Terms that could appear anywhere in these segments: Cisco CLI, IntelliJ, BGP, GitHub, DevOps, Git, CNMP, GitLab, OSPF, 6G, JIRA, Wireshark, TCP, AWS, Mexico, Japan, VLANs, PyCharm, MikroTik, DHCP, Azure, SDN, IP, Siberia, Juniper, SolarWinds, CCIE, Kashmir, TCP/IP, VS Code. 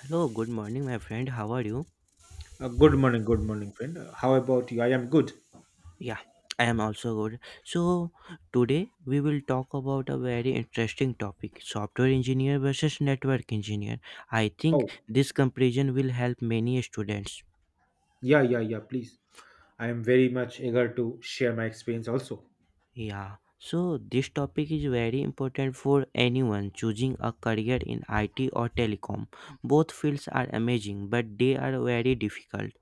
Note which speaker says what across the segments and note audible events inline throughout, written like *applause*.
Speaker 1: Hello, good morning, my friend. How are you?
Speaker 2: Good morning, friend. How about you? I am good.
Speaker 1: Yeah, I am also good. So, today we will talk about a very interesting topic software engineer versus network engineer. I think
Speaker 2: Oh,
Speaker 1: this comparison will help many students.
Speaker 2: yeah, yeah, yeah, please. I am very much eager to share my experience also.
Speaker 1: Yeah, so this topic is very important for anyone choosing a career in IT or telecom. Both fields are amazing, but they are very difficult.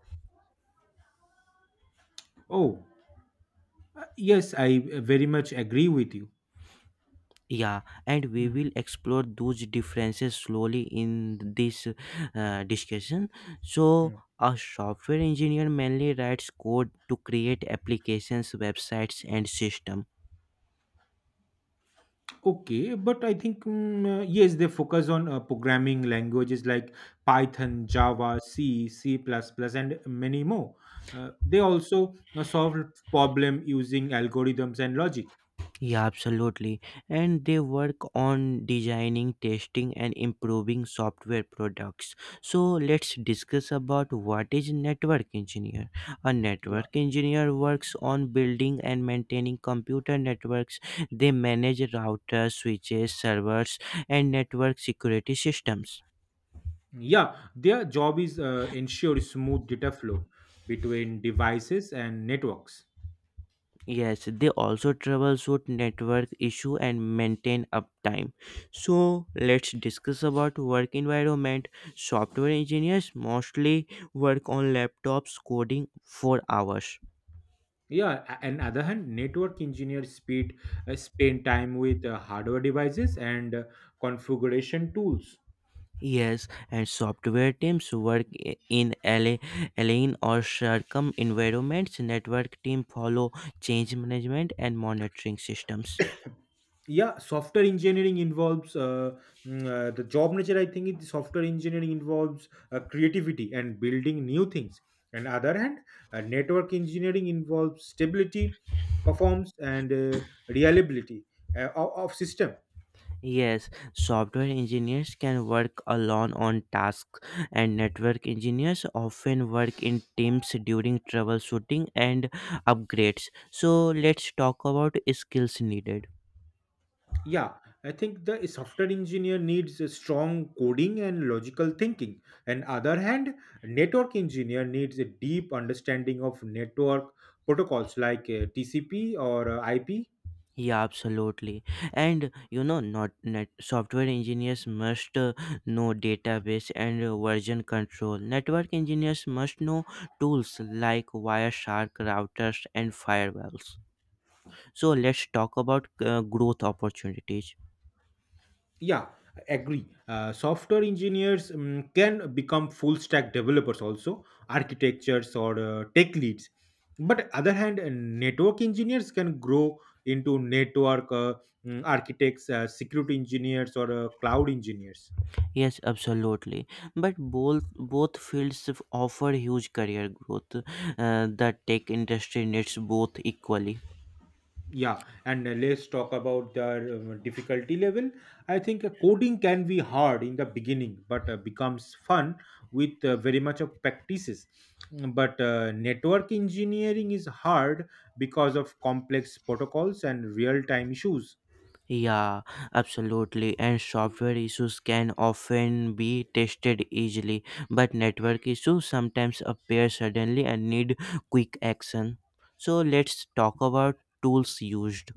Speaker 2: Oh, yes, I very much agree with you.
Speaker 1: Yeah, and we
Speaker 2: Hmm,
Speaker 1: will explore those differences slowly in this discussion. So,
Speaker 2: hmm.
Speaker 1: a software engineer mainly writes code to create applications, websites, and systems.
Speaker 2: Okay, but I think yes, they focus on programming languages like Python, Java, C, C++, and many more. They also solve problem using algorithms and logic.
Speaker 1: Yeah, absolutely. And they work on designing, testing, and improving software products. So let's discuss about what is network engineer. A
Speaker 2: Yeah.
Speaker 1: network engineer works on building and maintaining computer networks. They manage routers, switches, servers, and network security systems.
Speaker 2: Yeah, their job is ensure smooth data flow between devices and networks.
Speaker 1: Yes, they also troubleshoot network issue and maintain uptime. So let's discuss about work environment. Software engineers mostly work on laptops coding for hours.
Speaker 2: Yeah, and other hand, network engineers speed spend time with hardware devices and configuration tools.
Speaker 1: Yes, and software teams work in LA, alien or circum environments. Network team follow change management and monitoring systems.
Speaker 2: Yeah, software engineering involves mm, the job nature. I think software engineering involves creativity and building new things. And other hand, network engineering involves stability, performance, and reliability of system.
Speaker 1: Yes, software engineers can work alone on tasks, and network engineers often work in teams during troubleshooting and upgrades. So, let's talk about skills needed.
Speaker 2: Yeah, I think the software engineer needs a strong coding and logical thinking. And other hand, network engineer needs a deep understanding of network protocols like TCP or IP.
Speaker 1: Yeah, absolutely. And you know, not net software engineers must know database and version control. Network engineers must know tools like Wireshark routers and firewalls. So, let's talk about growth opportunities.
Speaker 2: Yeah, agree. Software engineers can become full stack developers also, architectures or tech leads. But other hand, network engineers can grow into network architects, security engineers, or cloud engineers.
Speaker 1: Yes, absolutely. But both fields offer huge career growth. The tech industry needs both equally.
Speaker 2: Yeah, and let's talk about the difficulty level. I think coding can be hard in the beginning, but becomes fun with very much of practices. But network engineering is hard because of complex protocols and real time issues.
Speaker 1: Yeah, absolutely. And software issues can often be tested easily, but network issues sometimes appear suddenly and need quick action. So let's talk about tools used.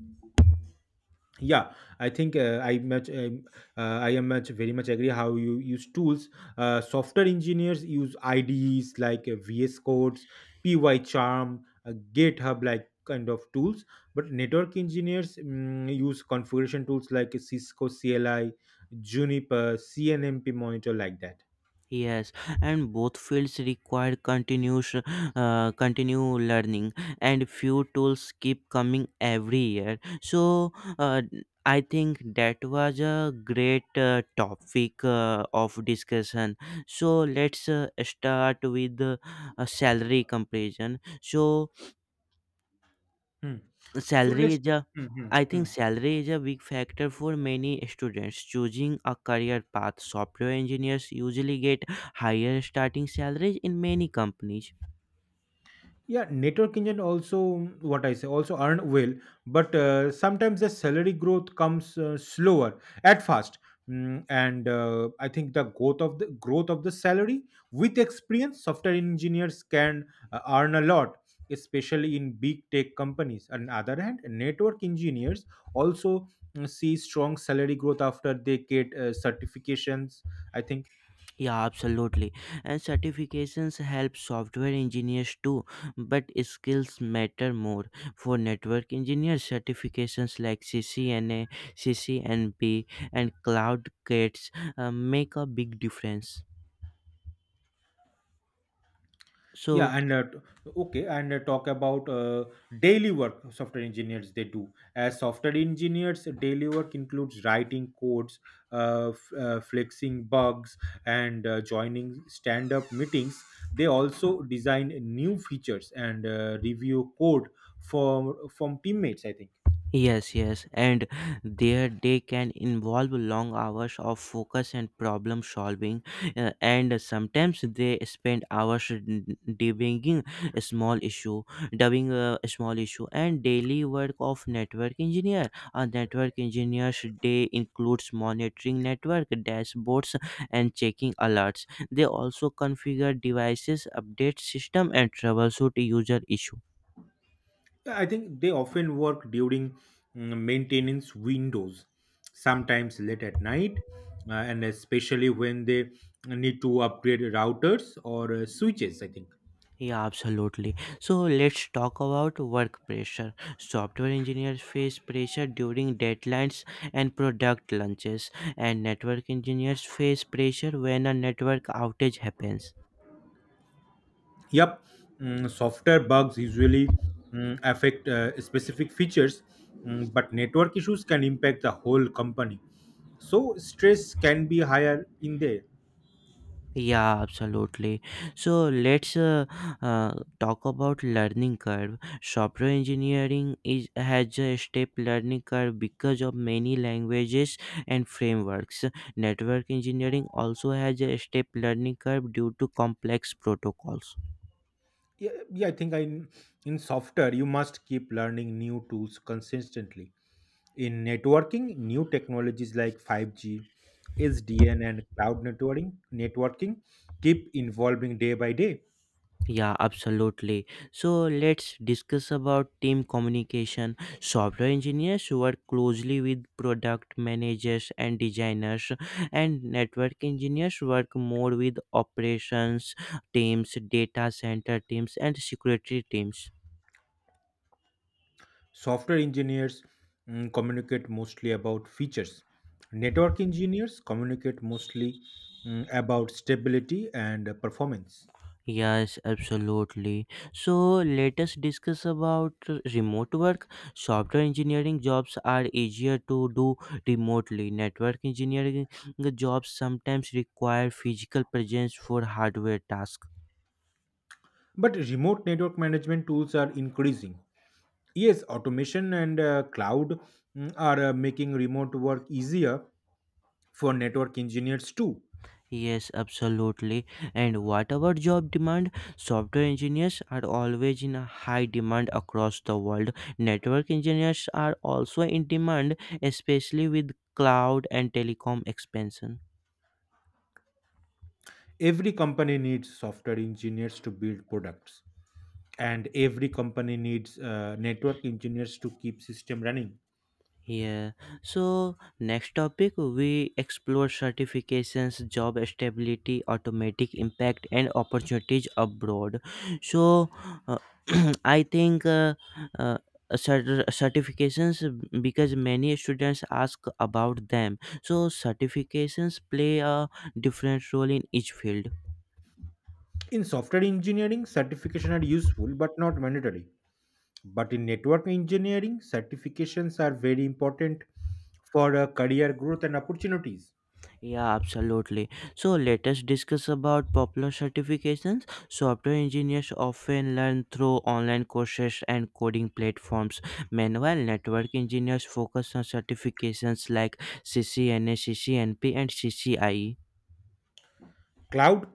Speaker 2: Yeah, I think I much I am much very much agree how you use tools. Software engineers use ides like VS Codes, PyCharm, GitHub like kind of tools. But network engineers use configuration tools like Cisco CLI, Juniper CNMP monitor like that.
Speaker 1: Yes, and both fields require continue learning, and few tools keep coming every year. So, uh, I think that was a great topic of discussion. So let's start with a salary comparison. So
Speaker 2: Hmm. So
Speaker 1: Salary
Speaker 2: let's,
Speaker 1: is a
Speaker 2: mhm,
Speaker 1: I think
Speaker 2: mhm,
Speaker 1: salary is a big factor for many students choosing a career path. Software engineers usually get higher starting salaries in many companies.
Speaker 2: yeah, network engine also, mm, what I say also earn well, but sometimes the salary growth comes slower at first. And I think the growth of the salary with experience, software engineers can earn a lot, especially in big tech companies. On the other hand, network engineers also see strong salary growth after they get certifications, I think.
Speaker 1: Yeah, absolutely. And certifications help software engineers too, but skills matter more. For network engineers, certifications like CCNA, CCNP, and Cloud Gates make a big difference. So,
Speaker 2: Yeah, and okay, and talk about daily work software engineers they do. As software engineers, daily work includes writing codes, fixing bugs, and joining stand up meetings. They also design new features and review code from teammates, I think.
Speaker 1: yes, yes, and their day can involve long hours of focus and problem solving, and sometimes they spend hours debugging a small issue, dubbing a small issue, and daily work of network engineer. A network engineer's day includes monitoring network dashboards and checking alerts. They also configure devices, update system, and troubleshoot user issues.
Speaker 2: I think they often work during maintenance windows, sometimes late at night, and especially when they need to upgrade routers or switches. I think.
Speaker 1: Yeah, absolutely. So let's talk about work pressure. Software engineers face pressure during deadlines and product launches, and network engineers face pressure when a network outage happens.
Speaker 2: Yep, software bugs usually affect specific features, but network issues can impact the whole company. So stress can be higher in there.
Speaker 1: Yeah, absolutely. So let's uh, talk about learning curve. Software engineering is has a steep learning curve because of many languages and frameworks. Network engineering also has a steep learning curve due to complex protocols.
Speaker 2: Yeah, yeah I think I, in software you must keep learning new tools consistently. In networking, new technologies like 5G, SDN, and cloud networking keep evolving day by day.
Speaker 1: Yeah, absolutely. So let's discuss about team communication. Software engineers work closely with product managers and designers, and network engineers work more with operations teams, data center teams, and security teams.
Speaker 2: Software engineers communicate mostly about features. Network engineers communicate mostly about stability and performance.
Speaker 1: Yes, absolutely. So let us discuss about remote work. Software engineering jobs are easier to do remotely. Network engineering jobs sometimes require physical presence for hardware tasks.
Speaker 2: But remote network management tools are increasing. Yes, automation and cloud are making remote work easier for network engineers too.
Speaker 1: Yes, absolutely. And what about job demand? Software engineers are always in a high demand across the world. Network engineers are also in demand, especially with cloud and telecom expansion.
Speaker 2: Every company needs software engineers to build products, and every company needs network engineers to keep system running.
Speaker 1: Yeah. So next topic we explore certifications, job stability, automatic impact, and opportunities abroad. So uh, *clears throat* I think uh, certifications because many students ask about them. So certifications play a different role in each field.
Speaker 2: In software engineering certification are useful but not mandatory, but in network engineering certifications are very important for career growth and opportunities.
Speaker 1: Yeah, absolutely. So let us discuss about popular certifications. Software engineers often learn through online courses and coding platforms. Meanwhile, network engineers focus on certifications like CCNA, CCNP, and CCIE.
Speaker 2: Cloud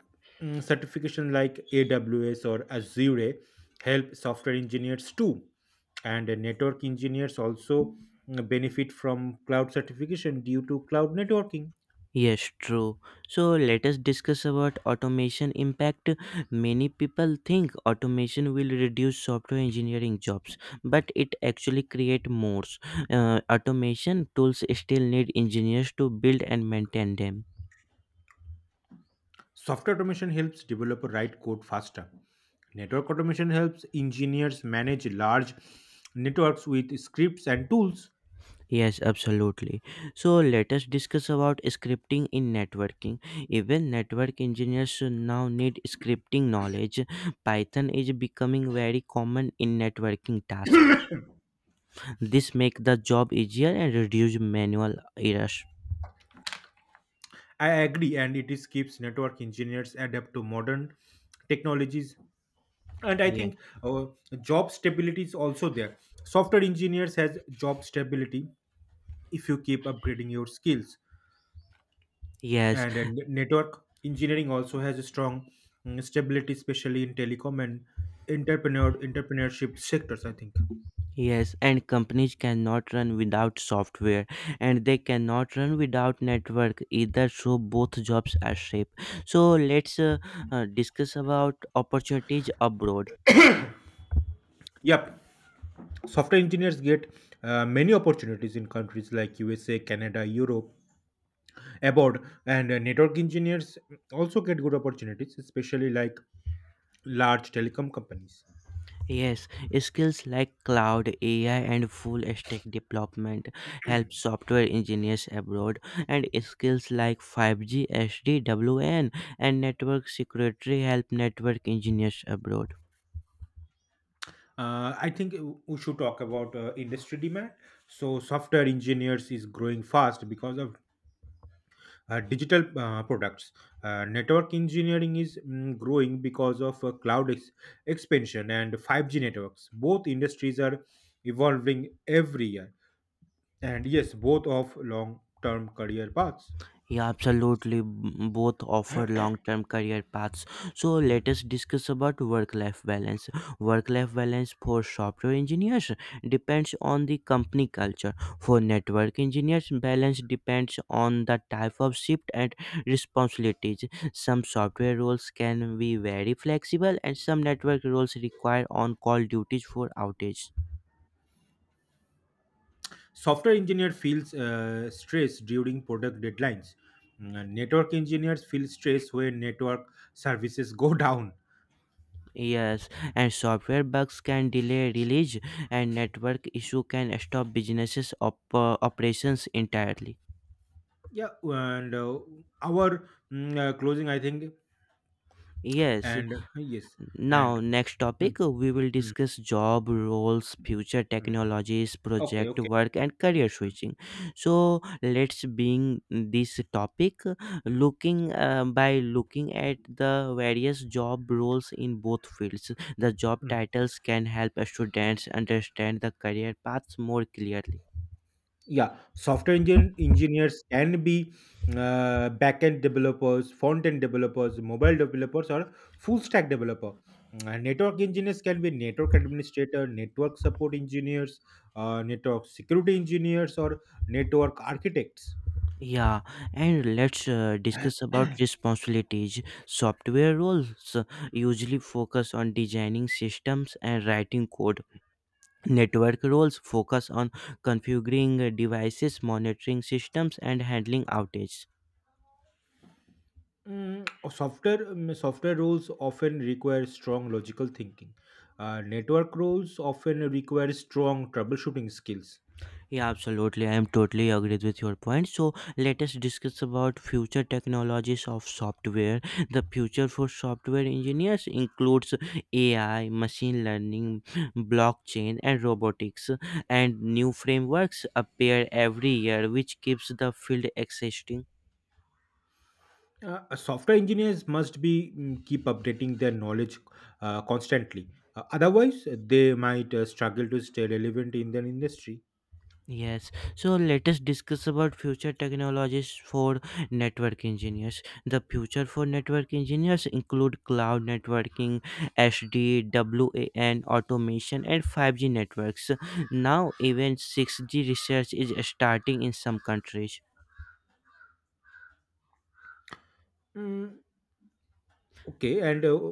Speaker 2: certification like AWS or Azure help software engineers too, and network engineers also benefit from cloud certification due to cloud networking.
Speaker 1: Yes, true. So let us discuss about automation impact. Many people think automation will reduce software engineering jobs, but it actually create more. Automation tools still need engineers to build and maintain them.
Speaker 2: Software automation helps developer write code faster. Network automation helps engineers manage large networks with scripts and tools.
Speaker 1: Yes, absolutely. So let us discuss about scripting in networking. Even network engineers now need scripting knowledge. Python is becoming very common in networking tasks. This make the job easier and reduce manual errors.
Speaker 2: I agree, and it is keeps network engineers adapt to modern technologies. And I
Speaker 1: Yeah.
Speaker 2: think job stability is also there. Software engineers has job stability if you keep upgrading your skills,
Speaker 1: Yes,
Speaker 2: and network engineering also has a strong stability, especially in telecom and entrepreneurship sectors, I think.
Speaker 1: yes, and companies cannot run without software and they cannot run without network either, so both jobs are safe. So let's discuss about opportunities abroad.
Speaker 2: Yep, software engineers get many opportunities in countries like USA, Canada, Europe abroad, and network engineers also get good opportunities, especially like large telecom companies.
Speaker 1: Yes, skills like cloud, AI, and full stack development help software engineers abroad, and skills like 5G, SD, WN, and network security help network engineers abroad.
Speaker 2: I think we should talk about industry demand. So, software engineers is growing fast because of digital products. Network engineering is growing because of expansion and 5G networks. Both industries are evolving every year, and yes, both of long-term career paths.
Speaker 1: Yeah, absolutely. Both offer long-term career paths. So
Speaker 2: Hmm.
Speaker 1: let us discuss about work-life balance. Work-life balance for software engineers depends on the company culture. For network engineers, balance depends on the type of shift and responsibilities. Some software roles can be very flexible, and some network roles require on-call duties for outage.
Speaker 2: Software engineer feels stress during product deadlines. Network engineers feel stress when network services go *laughs* down.
Speaker 1: Yes, and software bugs can delay release, and network issue can stop businesses operations entirely.
Speaker 2: Yeah, and our closing, I think,
Speaker 1: Yes.
Speaker 2: and yes, and
Speaker 1: Now, next
Speaker 2: mm,
Speaker 1: topic we will
Speaker 2: mm,
Speaker 1: discuss job roles, future
Speaker 2: mm.
Speaker 1: technologies,
Speaker 2: okay,
Speaker 1: project
Speaker 2: okay.
Speaker 1: work, and career
Speaker 2: mm,
Speaker 1: switching. So let's bring this topic looking by looking at the various job roles in both fields. The job
Speaker 2: mm.
Speaker 1: titles can help students understand the career paths more clearly.
Speaker 2: Yeah, software engine engineers can be backend developers, front end developers, mobile developers, or full stack developer. And network engineers can be network administrator, network support engineers, network security engineers, or network architects.
Speaker 1: Yeah, and let's discuss about
Speaker 2: *clears throat*
Speaker 1: responsibilities. Software roles usually focus on designing systems and writing code. Network roles focus on configuring devices, monitoring systems, and handling outages.
Speaker 2: Software roles often require strong logical thinking. Network roles often require strong troubleshooting skills.
Speaker 1: Yeah, absolutely. I am totally agreed with your point. So let us discuss about future technologies of software. The future for software engineers includes AI, machine learning, blockchain, and robotics. And new frameworks appear every year, which keeps the field exciting.
Speaker 2: Software engineers must be keep updating their knowledge constantly. Otherwise, they might struggle to stay relevant in their industry.
Speaker 1: Yes, so let us discuss about future technologies for network engineers. The future for network engineers include cloud networking, HD, WAN, automation, and 5G networks. Now, even 6G research is starting in some countries,
Speaker 2: Mm, okay, and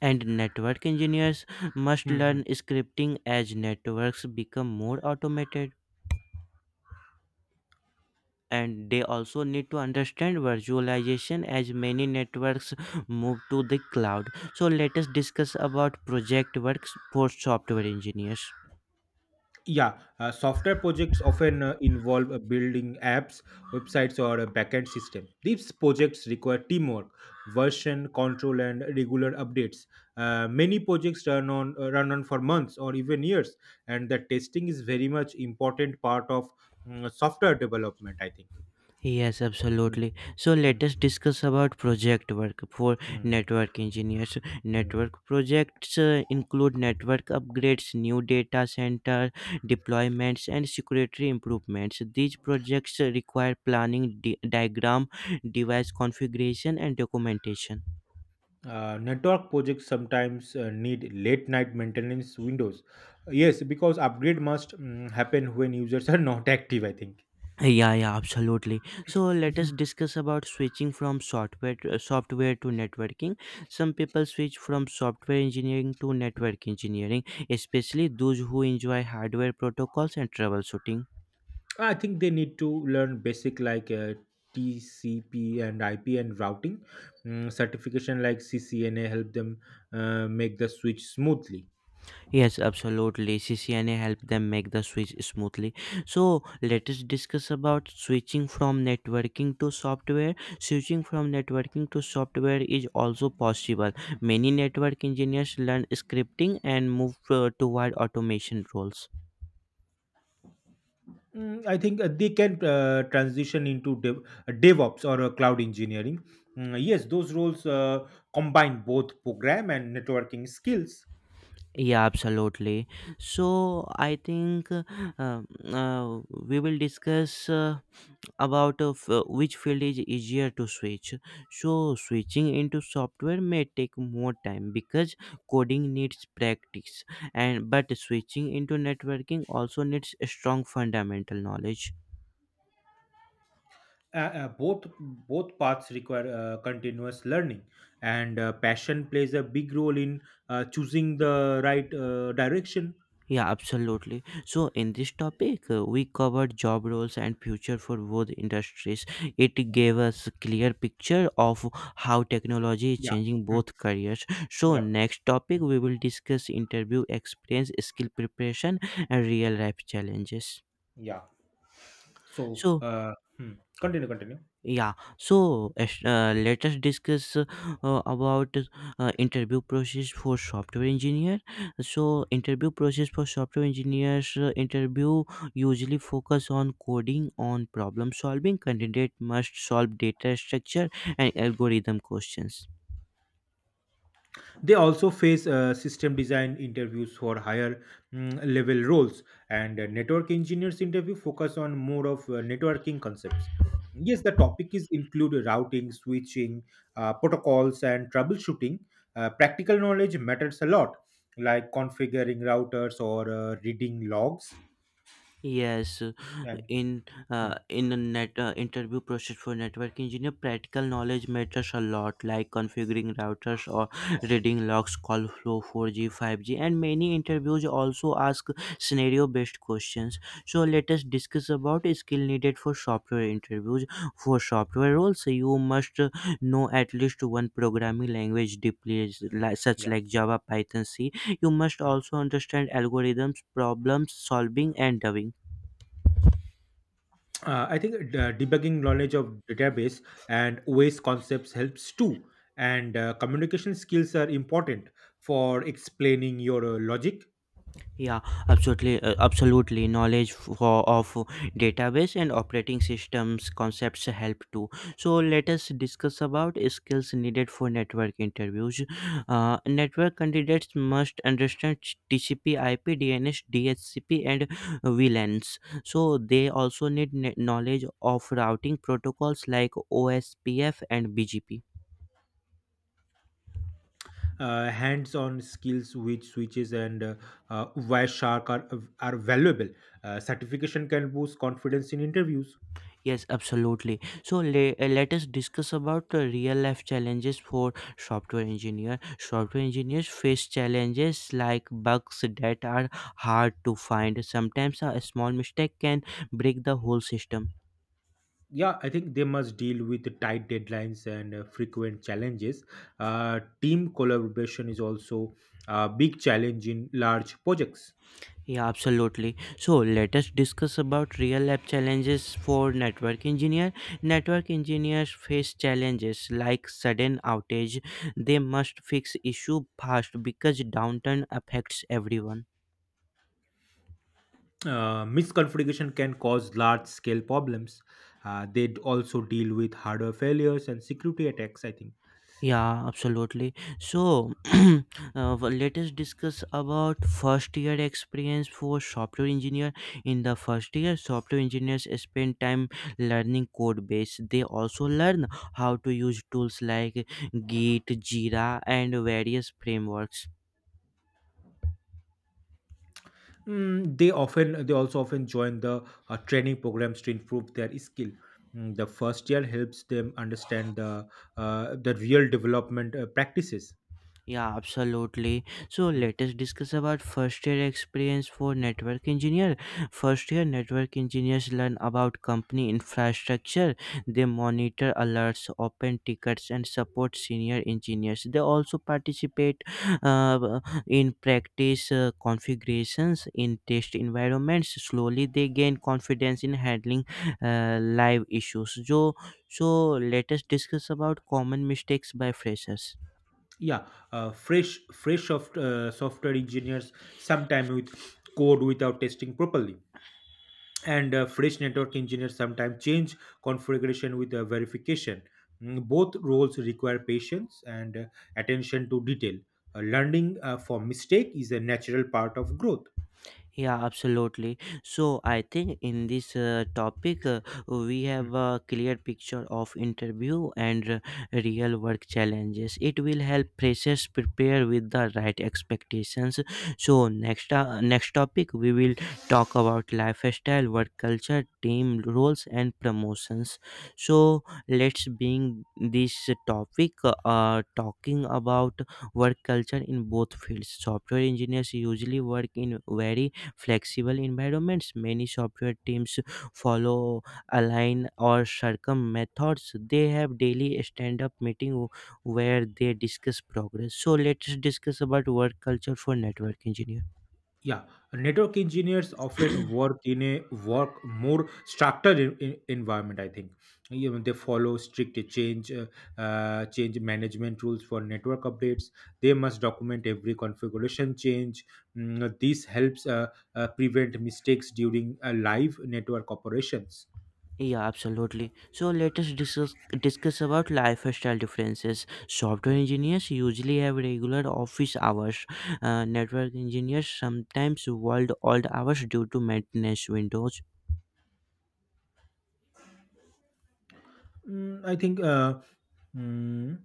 Speaker 1: and network engineers must learn
Speaker 2: mhm.
Speaker 1: scripting as networks become more automated. And they also need to understand virtualization as many networks move to the cloud. So let us discuss about project works for software engineers.
Speaker 2: Yeah, software projects often involve building apps, websites, or a backend system. These projects require teamwork, version control, and regular updates. Many projects run on for months or even years, and the testing is very much important part of software development. I think.
Speaker 1: Yes,
Speaker 2: Hmm.
Speaker 1: absolutely. So
Speaker 2: Hmm.
Speaker 1: let us discuss about project work for
Speaker 2: Hmm.
Speaker 1: network engineers.
Speaker 2: Hmm.
Speaker 1: Network projects include network upgrades, new data center deployments, and security improvements. These projects require planning, diagram, device configuration, and documentation.
Speaker 2: Network projects sometimes need late night maintenance windows. Yes, because upgrade must happen when users are *laughs* not active. I think.
Speaker 1: Yeah, yeah, absolutely. So let us discuss about switching from software to networking. Some people switch from software engineering to network engineering, especially those who enjoy hardware protocols and troubleshooting.
Speaker 2: I think they need to learn basic like TCP and IP and routing. Certification like CCNA help them make the switch smoothly.
Speaker 1: Yes, absolutely. CCNA help them make the switch smoothly. So let us discuss about switching from networking to software. Switching from networking to software is also possible. Many network engineers learn scripting and move toward automation roles.
Speaker 2: I think they can transition into DevOps or cloud engineering. Yes, those roles combine both program and networking skills.
Speaker 1: Yeah, absolutely. So I think uh, we will discuss about which field is easier to switch. So switching into software may take more time because coding needs practice, and but switching into networking also needs a strong fundamental knowledge.
Speaker 2: Both both paths require continuous learning, and passion plays a big role in choosing the right direction.
Speaker 1: Yeah, absolutely. So, in this topic, we covered job roles and future for both industries. It gave us a clear picture of how technology is
Speaker 2: Yeah.
Speaker 1: changing
Speaker 2: Mm.
Speaker 1: both careers. So,
Speaker 2: Yep.
Speaker 1: next topic,
Speaker 2: Mm.
Speaker 1: we will discuss interview experience, skill preparation, and real life challenges.
Speaker 2: Yeah. So,
Speaker 1: So,
Speaker 2: hmm. continue, continue.
Speaker 1: yeah, so let us discuss about interview process for software engineer. So interview process for software engineers interview usually focus on coding, on problem solving. Candidate must solve data structure and algorithm questions.
Speaker 2: They also face system design interviews for higher level roles, and network engineers interview focus on more of networking concepts. Yes, the topic is include routing, switching, protocols, and troubleshooting. Practical knowledge matters a lot, like configuring routers or reading logs.
Speaker 1: Yes,
Speaker 2: And
Speaker 1: in
Speaker 2: mm,
Speaker 1: in a net interview process for network engineer, practical knowledge matters a lot, like configuring routers or reading logs, call flow, 4G, 5G, and many interviews also ask scenario based questions. So let us discuss about skill needed for software interviews. For software roles you must know at least one programming language deeply, such
Speaker 2: yeah.
Speaker 1: like java, python, c. You must
Speaker 2: Hmm.
Speaker 1: also understand algorithms, problem solving, and debugging.
Speaker 2: I think debugging knowledge of database and OS concepts helps too. And communication skills are important for explaining your logic.
Speaker 1: Yeah, absolutely, absolutely. Knowledge of database and operating systems concepts help too. So let us discuss about skills needed for network interviews. Network candidates must understand TCP/IP, DNS, DHCP, and VLANs. So they also need knowledge of routing protocols like OSPF and BGP.
Speaker 2: Hands-on skills with switches and Wireshark are valuable. Certification can boost confidence in interviews.
Speaker 1: Yes, absolutely. So let us discuss about the real life challenges for software engineer. Software engineers face challenges like bugs that are hard to find. Sometimes a small mistake can break the whole system.
Speaker 2: Yeah, I think they must deal with the tight deadlines and frequent challenges. Team collaboration is also a big challenge in large projects.
Speaker 1: Yeah, absolutely. So let us discuss about real life challenges for network engineer. Network engineers face challenges like sudden outage. They must fix issue fast because downturn affects everyone.
Speaker 2: Misconfiguration can cause large scale problems. They also deal with hardware failures and security attacks. I think.
Speaker 1: Yeah, absolutely. So, *clears throat* well, let us discuss about first year experience for software engineer. In the first year, software engineers spend time learning code base. They also learn how to use tools like Git, Jira, and various frameworks.
Speaker 2: They also often join the training programs to improve their skill. The first year helps them understand the real development practices.
Speaker 1: Yeah, absolutely. So
Speaker 2: Mm.
Speaker 1: let us discuss about first year experience for network engineer. First year network engineers learn about company infrastructure. They monitor alerts, open tickets, and support senior engineers. They also participate uh, in practice configurations in test environments. Slowly, they gain confidence in handling live issues. So, let us discuss about common mistakes by freshers.
Speaker 2: Yeah, software engineers sometimes with code without testing properly, and fresh network engineers sometimes change configuration with verification. Both roles require patience and attention to detail. Learning from mistake is a natural part of growth.
Speaker 1: Yeah, absolutely. So I think in this topic we have a clear picture of interview and real work challenges. It will help freshers prepare with the right expectations. So next topic we will talk about lifestyle, work culture, team roles, and promotions. So let's bring this topic talking about work culture in both fields. Software engineers usually work in very flexible environments. Many software teams follow align or circum methods. They have daily stand up meeting where they discuss progress. So let's discuss about work culture for network engineer.
Speaker 2: Yeah, network engineers often work in a work more structured environment. I think. You know, they follow strict change management rules for network updates. They must document every configuration change. This helps prevent mistakes during live network operations.
Speaker 1: Yeah, absolutely. So let us discuss about lifestyle differences. Software
Speaker 2: Hmm.
Speaker 1: engineers usually have regular office hours. Network engineers sometimes world old hours due to maintenance windows.
Speaker 2: I think. Mm,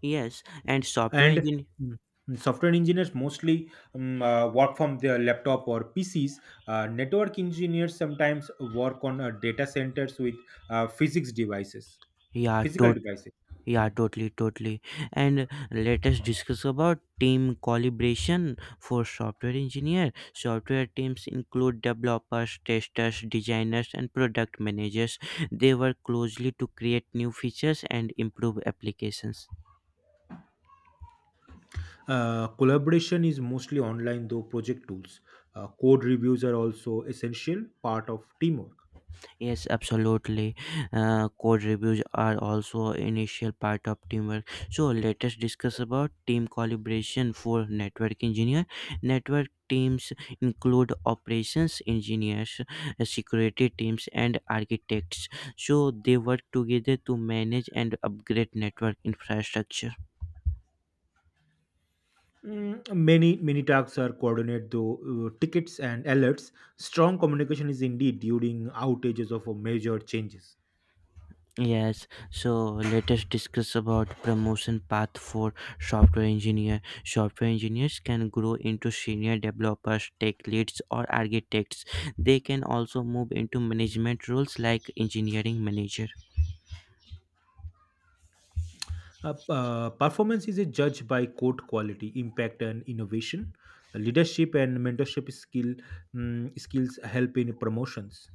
Speaker 1: Yes, and software
Speaker 2: and
Speaker 1: engineer
Speaker 2: mm, software engineers mostly work from their laptop or PCs. Network engineers sometimes work on data centers with physics devices
Speaker 1: yeah
Speaker 2: physical
Speaker 1: totally.
Speaker 2: devices.
Speaker 1: Yeah,
Speaker 2: Hmm.
Speaker 1: totally, totally. And let us discuss about team collaboration for software engineer. Software teams include developers, testers, designers, and product managers. They work closely to create new features and improve applications.
Speaker 2: Collaboration is mostly online though project tools. Code reviews are also essential part of teamwork.
Speaker 1: Yes, absolutely. Code reviews are also initial part of teamwork. So let us discuss about team collaboration for network engineer. Network teams include operations engineers, security teams, and architects. So they work together to manage and upgrade network infrastructure.
Speaker 2: Many tasks are coordinated though tickets and alerts. Strong communication is indeed during outages of major changes.
Speaker 1: Yes, so let us discuss about promotion path for software engineer. Software engineers can grow into senior developers, tech leads, or architects. They can also move into management roles like engineering manager.
Speaker 2: Performance is judged by code quality, impact, and innovation. Leadership and mentorship skills help in promotions.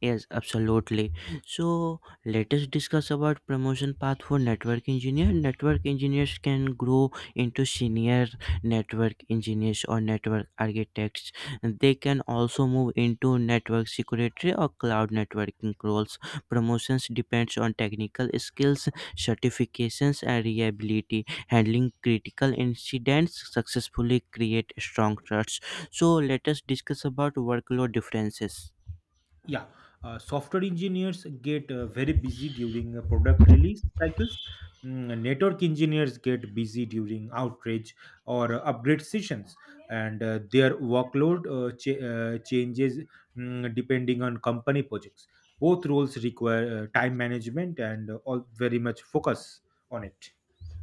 Speaker 1: Yes, absolutely. So let us discuss about promotion path for network engineer. Network engineers can grow into senior network engineers or network architects. They can also move into network security or cloud networking roles. Promotions depends on technical skills, certifications and reliability. Handling critical incidents successfully create strong trusts. So let us discuss about workload differences.
Speaker 2: Yeah, software engineers get very busy during product release cycles. Network engineers get busy during outage or upgrade sessions, and their workload changes depending on company projects. Both roles require time management and all very much focus on it.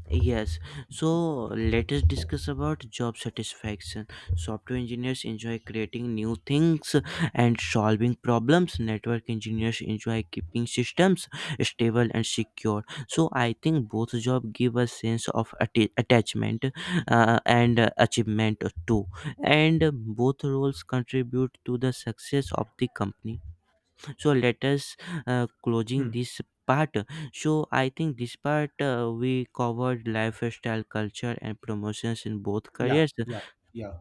Speaker 1: Yes, so let us discuss about job satisfaction. Software engineers enjoy creating new things and solving problems. Network engineers enjoy keeping systems stable and secure. So I think both job give a sense of attachment and achievement too, and both roles contribute to the success of the company. So let us closing
Speaker 2: Hmm.
Speaker 1: this part. So I think this part we covered lifestyle culture and promotions in both
Speaker 2: Yeah,
Speaker 1: careers
Speaker 2: yeah, yeah.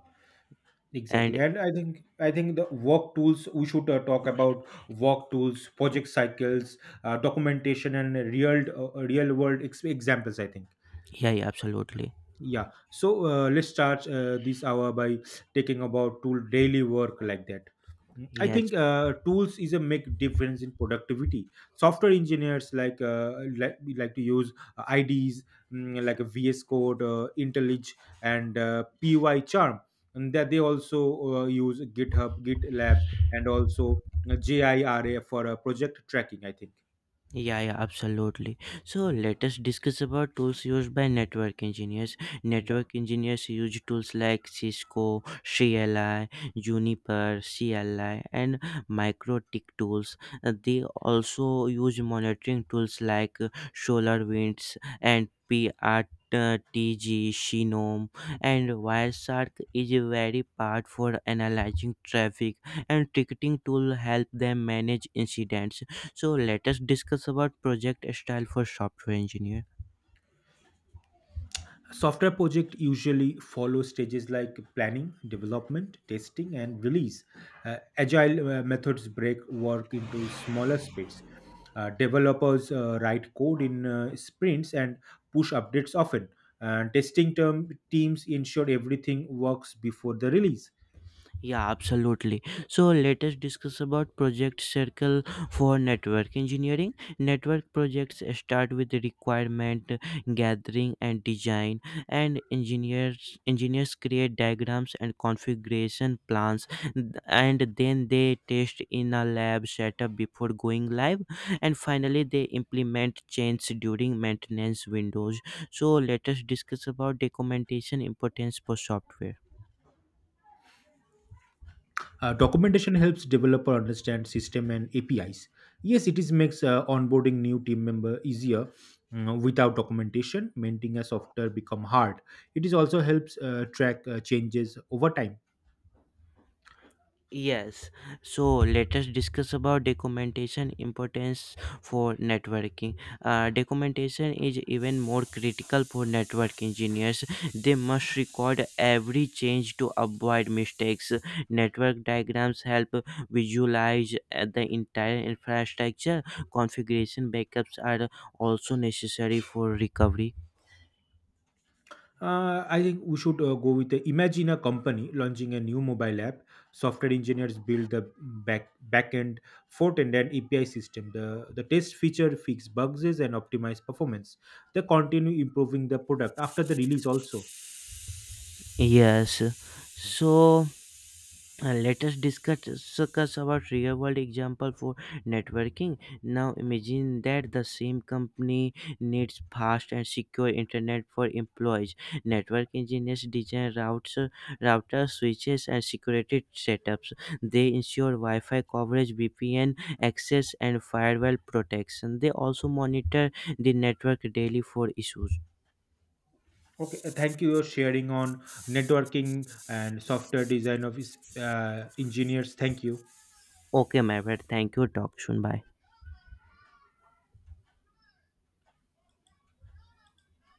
Speaker 2: Exactly,
Speaker 1: and
Speaker 2: and I think the work tools we should talk about work tools, project cycles, documentation, and real world examples. I think.
Speaker 1: yeah, yeah, absolutely,
Speaker 2: Yeah. So let's start this hour by taking about tool daily work like that. I
Speaker 1: yes.
Speaker 2: think tools is a make difference in productivity. Software engineers like we like to use IDs like a VS Code, IntelliJ, and PY Charm. And that they also use GitHub, GitLab, and also JIRA for project tracking. I think.
Speaker 1: Yeah, yeah, absolutely. So
Speaker 2: Mm.
Speaker 1: let us discuss about tools used by network engineers.
Speaker 2: Yeah.
Speaker 1: Network engineers use tools like Cisco, CLI, Juniper, CLI, and MikroTik tools. They also use monitoring tools like SolarWinds and PRTG, TG, and Wireshark is very part for analyzing traffic and ticketing tool help them manage incidents. So let us discuss about project style for software engineer.
Speaker 2: Software project usually follow stages like planning, development, testing, and release. Agile methods break work into smaller sprints. Developers write code in sprints and push updates often. And testing term teams ensure everything works before the release.
Speaker 1: Yeah, absolutely. So let us discuss about project circle for network engineering. Network projects start with the requirement gathering and design, and engineers create diagrams and configuration plans, and then they test in a lab setup before going live, and finally they implement change during maintenance windows. So let us discuss about documentation importance for software.
Speaker 2: Documentation helps developer understand system and APIs. Yes, it is makes onboarding new team member easier. Without documentation, maintaining a software become hard. It is also helps track changes over time.
Speaker 1: Yes, so let us discuss about documentation importance for networking. Documentation is even more critical for network engineers. They must record every change to avoid mistakes. Network diagrams help visualize the entire infrastructure. Configuration backups are also necessary for recovery.
Speaker 2: I think we should go with the imagine a company launching a new mobile app. Software engineers build the backend, front end, and API system. The test feature fix bugs and optimize performance. They continue improving the product after the release also.
Speaker 1: Yes, so. Let us discuss about real world example for networking. Now imagine that the same company needs fast and secure internet for employees. Network engineers design routers, switches, and security setups. They ensure Wi-Fi coverage, VPN access, and firewall protection. They also monitor the network daily for issues.
Speaker 2: Okay, thank you for sharing on networking and software design of engineers. Thank you.
Speaker 1: Okay, my friend. Thank you. Talk soon. Bye.